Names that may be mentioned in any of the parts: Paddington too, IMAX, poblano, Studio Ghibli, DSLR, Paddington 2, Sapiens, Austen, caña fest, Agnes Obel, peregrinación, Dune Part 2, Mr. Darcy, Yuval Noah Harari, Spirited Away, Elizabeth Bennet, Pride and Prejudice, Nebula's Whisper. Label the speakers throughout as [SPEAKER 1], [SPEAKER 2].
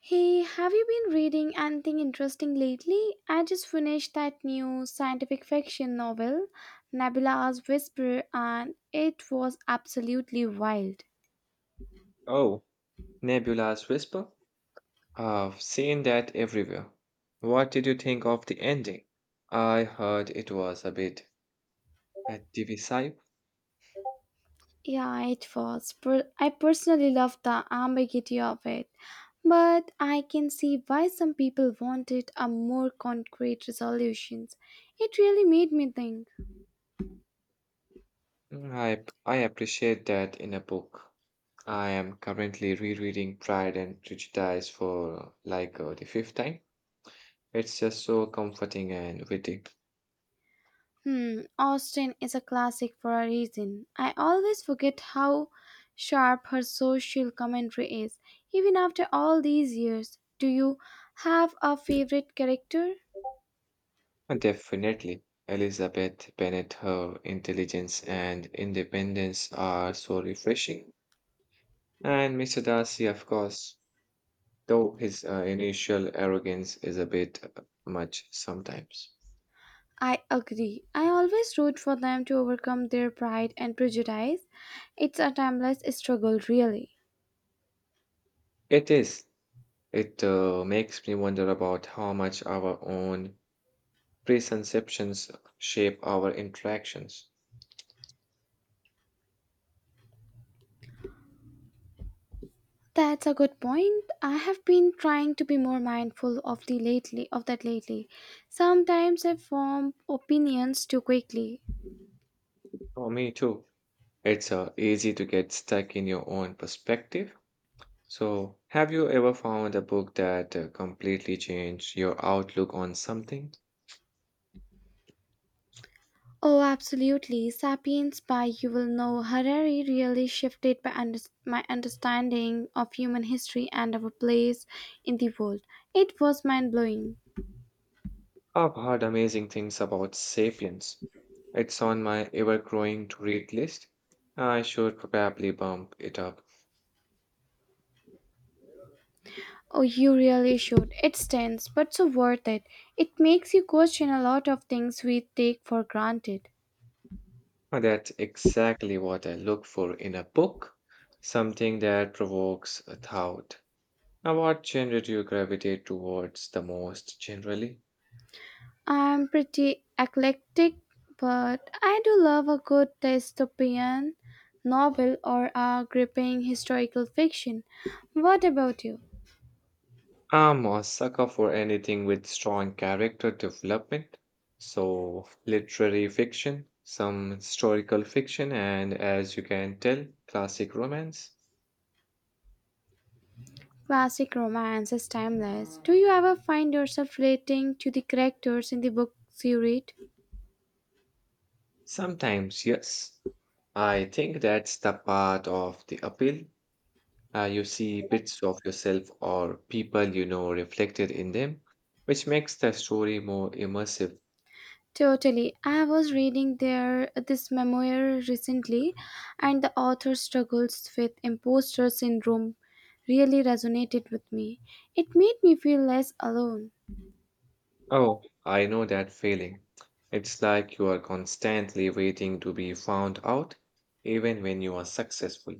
[SPEAKER 1] Hey, have you been reading anything interesting lately? I just finished that new scientific fiction novel, Nebula's Whisper, and it was absolutely wild.
[SPEAKER 2] Oh, Nebula's Whisper? I've seen that everywhere. What did you think of the ending? I heard it was a bit divisive.
[SPEAKER 1] Yeah, it was. I personally love the ambiguity of it, but I can see why some people wanted a more concrete resolutions. It really made me think.
[SPEAKER 2] Mm, I appreciate that in a book. I am currently rereading Pride and Prejudice for like the fifth time. It's just so comforting and witty.
[SPEAKER 1] Hmm, Austen is a classic for a reason. I always forget how sharp her social commentary is, even after all these years. Do you have a favorite character?
[SPEAKER 2] And Definitely, Elizabeth Bennet, her intelligence and independence are so refreshing. And Mr. Darcy, of course. Though his initial arrogance is a bit much sometimes.
[SPEAKER 1] I agree. I always root for them to overcome their pride and prejudice. It's a timeless struggle, really.
[SPEAKER 2] It is. It makes me wonder about how much our own preconceptions shape our interactions.
[SPEAKER 1] That's a good point. I have been trying to be more mindful of that lately. Sometimes I form opinions too quickly.
[SPEAKER 2] For me too. It's easy to get stuck in your own perspective. So, have you ever found a book that completely changed your outlook on something?
[SPEAKER 1] Oh, absolutely. Sapiens by Yuval Noah Harari really shifted my understanding of human history and our place in the world. It was mind blowing.
[SPEAKER 2] I've heard amazing things about Sapiens. It's on my ever growing to read list. I should probably bump it up.
[SPEAKER 1] Oh, you really should. It's tense, but so worth it. It makes you question a lot of things we take for granted.
[SPEAKER 2] That's exactly what I look for in a book, something that provokes a thought. Now, what genre do you gravitate towards the most generally?
[SPEAKER 1] I'm pretty eclectic, but I do love a good dystopian novel or a gripping historical fiction. What about you?
[SPEAKER 2] I'm a sucker for anything with strong character development, so literary fiction, some historical fiction, and as you can tell, classic romance.
[SPEAKER 1] Classic romance is timeless. Do you ever find yourself relating to the characters in the books you read?
[SPEAKER 2] Sometimes, yes. I think that's the part of the appeal. You see bits of yourself or people you know reflected in them, which makes the story more immersive.
[SPEAKER 1] Totally. I was reading there this memoir recently, and the author's struggles with imposter syndrome really resonated with me. It made me feel less alone.
[SPEAKER 2] Oh, I know that feeling. It's like you are constantly waiting to be found out, even when you are successful.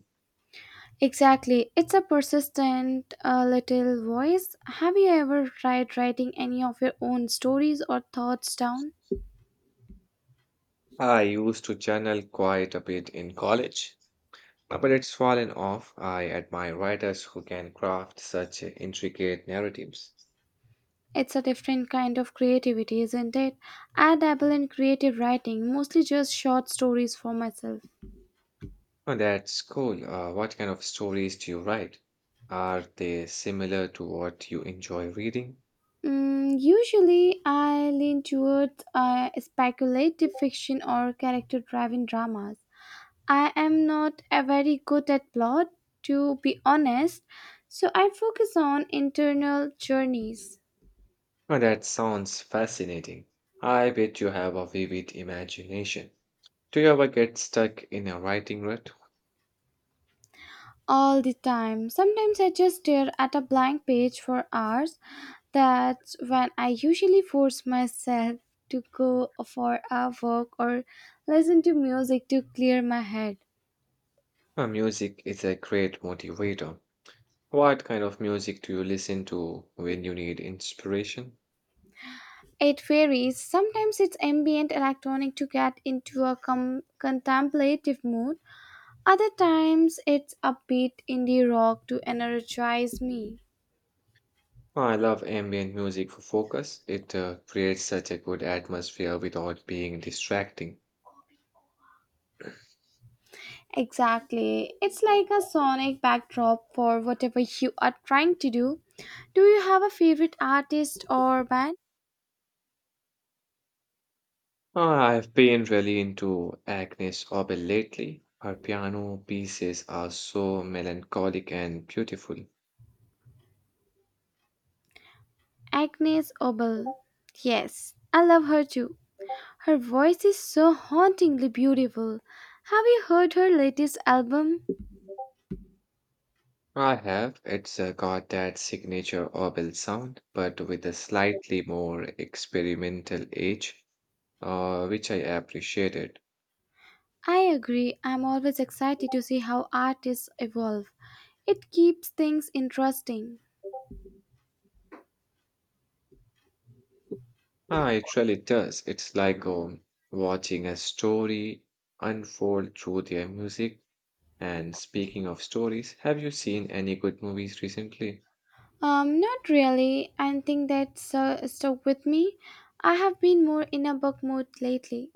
[SPEAKER 1] Exactly. It's a persistent little voice. Have you ever tried writing any of your own stories or thoughts down?
[SPEAKER 2] I used to journal quite a bit in college, but it's fallen off. I admire writers who can craft such intricate narratives.
[SPEAKER 1] It's a different kind of creativity, isn't it? I dabble in creative writing, mostly just short stories for myself.
[SPEAKER 2] Oh, that's cool. What kind of stories do you write? Are they similar to what you enjoy reading?
[SPEAKER 1] Mm, usually, I lean towards speculative fiction or character driven dramas. I am not a very good at plot, to be honest, so I focus on internal journeys.
[SPEAKER 2] Oh, that sounds fascinating. I bet you have a vivid imagination. Do you ever get stuck in a writing rut?
[SPEAKER 1] All the time. Sometimes I just stare at a blank page for hours. That's when I usually force myself to go for a walk or listen to music to clear my head.
[SPEAKER 2] Music is a great motivator. What kind of music do you listen to when you need inspiration?
[SPEAKER 1] It varies. Sometimes it's ambient electronic to get into a contemplative mood. Other times it's upbeat indie rock to energize me.
[SPEAKER 2] Oh, I love ambient music for focus. It creates such a good atmosphere without being distracting.
[SPEAKER 1] Exactly. It's like a sonic backdrop for whatever you are trying to do. Do you have a favorite artist or band?
[SPEAKER 2] I've been really into Agnes Obel lately. Her piano pieces are so melancholic and beautiful.
[SPEAKER 1] Agnes Obel. Yes, I love her too. Her voice is so hauntingly beautiful. Have you heard her latest album?
[SPEAKER 2] I have. It's got that signature Obel sound, but with a slightly more experimental edge, which I appreciated.
[SPEAKER 1] I agree. I'm always excited to see how artists evolve. It keeps things interesting.
[SPEAKER 2] Ah, it really does. It's like watching a story unfold through their music. And speaking of stories, have you seen any good movies recently?
[SPEAKER 1] Not really. I think that's stuck with me. I have been more in a book mode lately.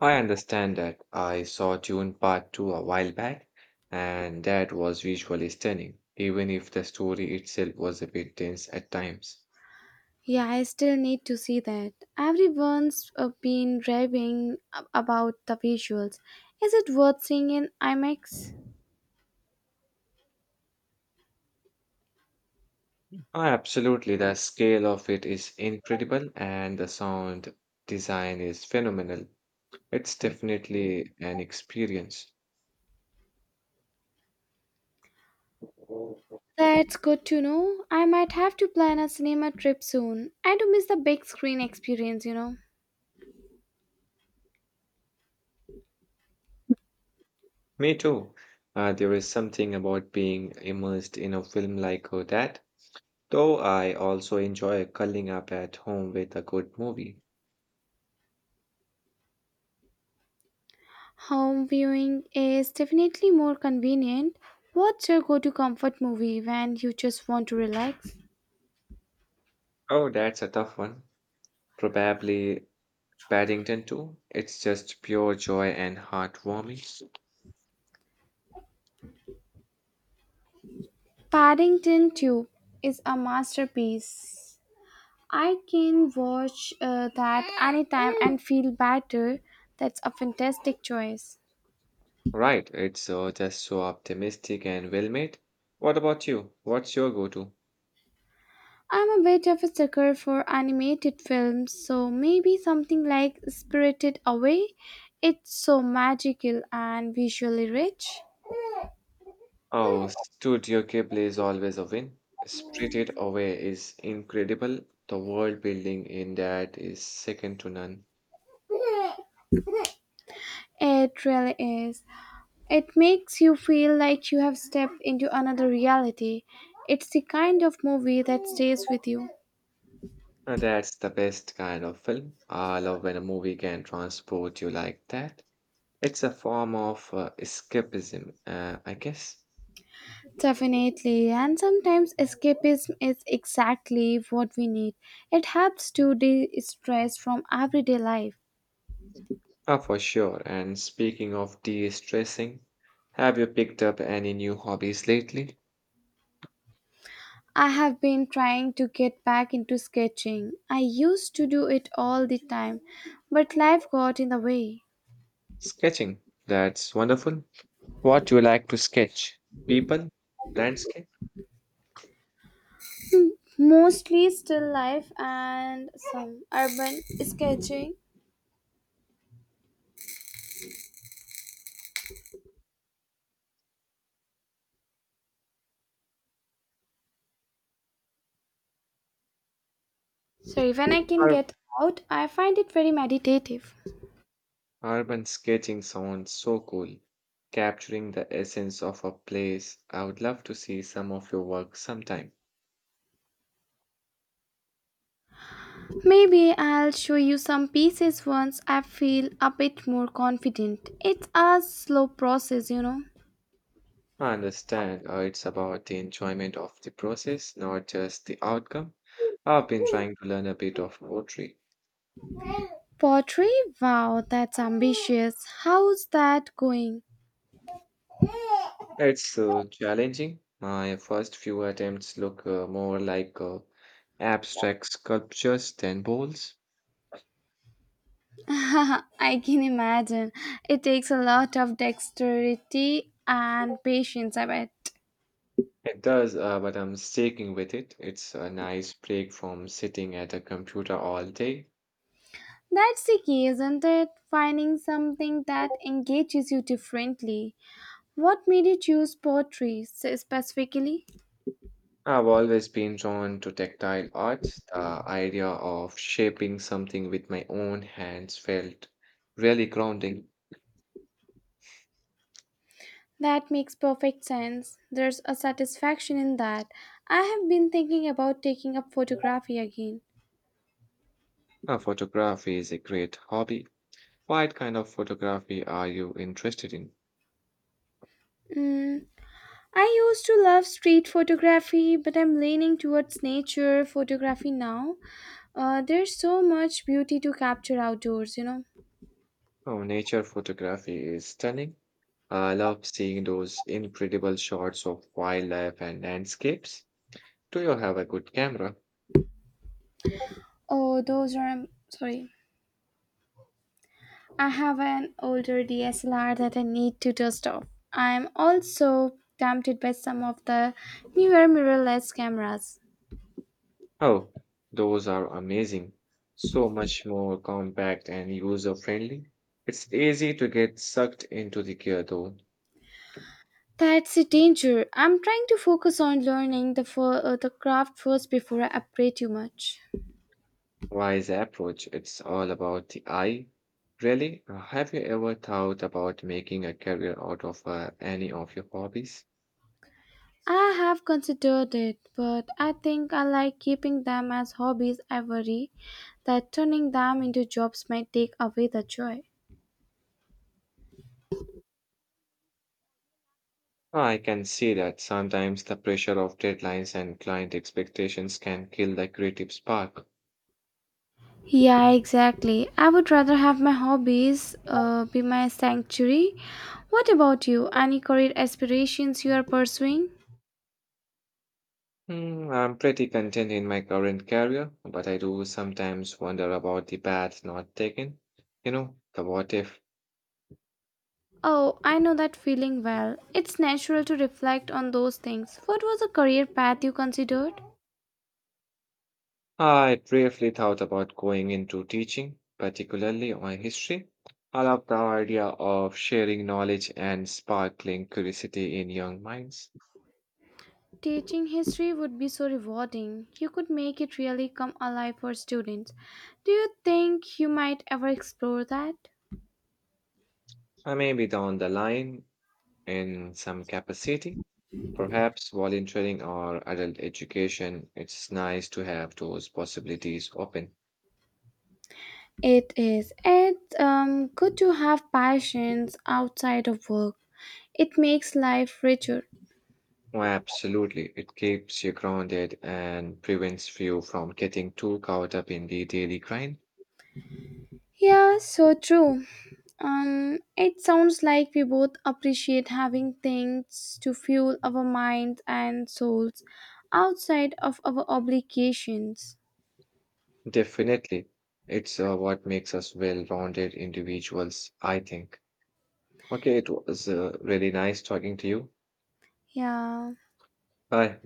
[SPEAKER 2] I understand that. I saw Dune Part 2 a while back, and that was visually stunning, even if the story itself was a bit dense at times.
[SPEAKER 1] Yeah, I still need to see that. Everyone's been raving about the visuals. Is it worth seeing in IMAX?
[SPEAKER 2] Ah, absolutely, the scale of it is incredible, and the sound design is phenomenal. It's definitely an experience.
[SPEAKER 1] That's good to know. I might have to plan a cinema trip soon. I do miss the big screen experience, you know.
[SPEAKER 2] Me too. There is something about being immersed in a film like that, though I also enjoy curling up at home with a good movie.
[SPEAKER 1] Home viewing is definitely more convenient. What's your go to comfort movie when you just want to relax?
[SPEAKER 2] Oh, that's a tough one. Probably Paddington too. It's just pure joy and heartwarming.
[SPEAKER 1] Paddington 2 is a masterpiece. I can watch that anytime and feel better. That's a fantastic choice.
[SPEAKER 2] Right, it's just so optimistic and well made. What about you? What's your go-to?
[SPEAKER 1] I'm a bit of a sucker for animated films, so maybe something like Spirited Away. It's so magical and visually rich.
[SPEAKER 2] Oh, Studio Ghibli is always a win. Spirited Away is incredible. The world building in that is second to none.
[SPEAKER 1] It really is. It makes you feel like you have stepped into another reality. It's the kind of movie that stays with you.
[SPEAKER 2] That's the best kind of film. I love when a movie can transport you like that. It's a form of escapism, I guess.
[SPEAKER 1] Definitely, and sometimes escapism is exactly what we need. It helps to de stress from everyday life.
[SPEAKER 2] Ah, for sure. And speaking of de-stressing, have you picked up any new hobbies lately?
[SPEAKER 1] I have been trying to get back into sketching. I used to do it all the time, but life got in the way.
[SPEAKER 2] Sketching. That's wonderful. What do you like to sketch? People, landscape,
[SPEAKER 1] Mostly still life and some urban sketching. So, when I can
[SPEAKER 2] Ur-
[SPEAKER 1] get out, I find it very meditative.
[SPEAKER 2] urban sketching sounds so cool. Capturing the essence of a place. I would love to see some of your work sometime.
[SPEAKER 1] Maybe I'll show you some pieces once I feel a bit more confident. It's a slow process, you know.
[SPEAKER 2] I understand it's about the enjoyment of the process, not just the outcome. I've been trying to learn a bit of poetry.
[SPEAKER 1] Pottery? Wow, that's ambitious. How's that going?
[SPEAKER 2] It's challenging. My first few attempts look more like abstract sculptures than bowls.
[SPEAKER 1] I can imagine. It takes a lot of dexterity and patience, I bet.
[SPEAKER 2] It does, but I'm sticking with it. It's a nice break from sitting at a computer all day.
[SPEAKER 1] That's the key, isn't it? Finding something that engages you differently. What made you choose pottery specifically?
[SPEAKER 2] I've always been drawn to tactile arts. The idea of shaping something with my own hands felt really grounding.
[SPEAKER 1] That makes perfect sense. There's a satisfaction in that. I have been thinking about taking up photography again.
[SPEAKER 2] Photography is a great hobby. What kind of photography are you interested in?
[SPEAKER 1] Mm, I used to love street photography, but I'm leaning towards nature photography now. There's so much beauty to capture outdoors, you know.
[SPEAKER 2] Oh, nature photography is stunning. I love seeing those incredible shots of wildlife and landscapes. Do you have a good camera?
[SPEAKER 1] Oh, those are. Sorry. I have an older DSLR that I need to dust off. I'm also tempted by some of the newer mirrorless cameras.
[SPEAKER 2] Oh, those are amazing. So much more compact and user friendly. It's easy to get sucked into the gear though.
[SPEAKER 1] That's a danger. I'm trying to focus on learning the the craft first before I upgrade too much.
[SPEAKER 2] Wise approach, it's all about the eye. Really, have you ever thought about making a career out of any of your hobbies?
[SPEAKER 1] I have considered it, but I think I like keeping them as hobbies. I worry that turning them into jobs might take away the joy.
[SPEAKER 2] I can see that sometimes the pressure of deadlines and client expectations can kill the creative spark.
[SPEAKER 1] Yeah, exactly. I would rather have my hobbies be my sanctuary. What about you? Any career aspirations you are pursuing?
[SPEAKER 2] Hmm, I'm pretty content in my current career, but I do sometimes wonder about the path not taken. You know, the what if.
[SPEAKER 1] Oh, I know that feeling well. It's natural to reflect on those things. What was the career path you considered?
[SPEAKER 2] I briefly thought about going into teaching, particularly on history. I love the idea of sharing knowledge and sparkling curiosity in young minds.
[SPEAKER 1] Teaching history would be so rewarding. You could make it really come alive for students. Do you think you might ever explore that?
[SPEAKER 2] I may be down the line in some capacity, perhaps volunteering or adult education. It's nice to have those possibilities open.
[SPEAKER 1] It is. It's good to have passions outside of work. It makes life richer.
[SPEAKER 2] Oh, absolutely. It keeps you grounded and prevents you from getting too caught up in the daily grind.
[SPEAKER 1] Yeah, so true. It sounds like we both appreciate having things to fuel our minds and souls outside of our obligations.
[SPEAKER 2] Definitely. It's what makes us well-rounded individuals, I think. Okay, it was really nice talking to you.
[SPEAKER 1] Yeah.
[SPEAKER 2] Bye.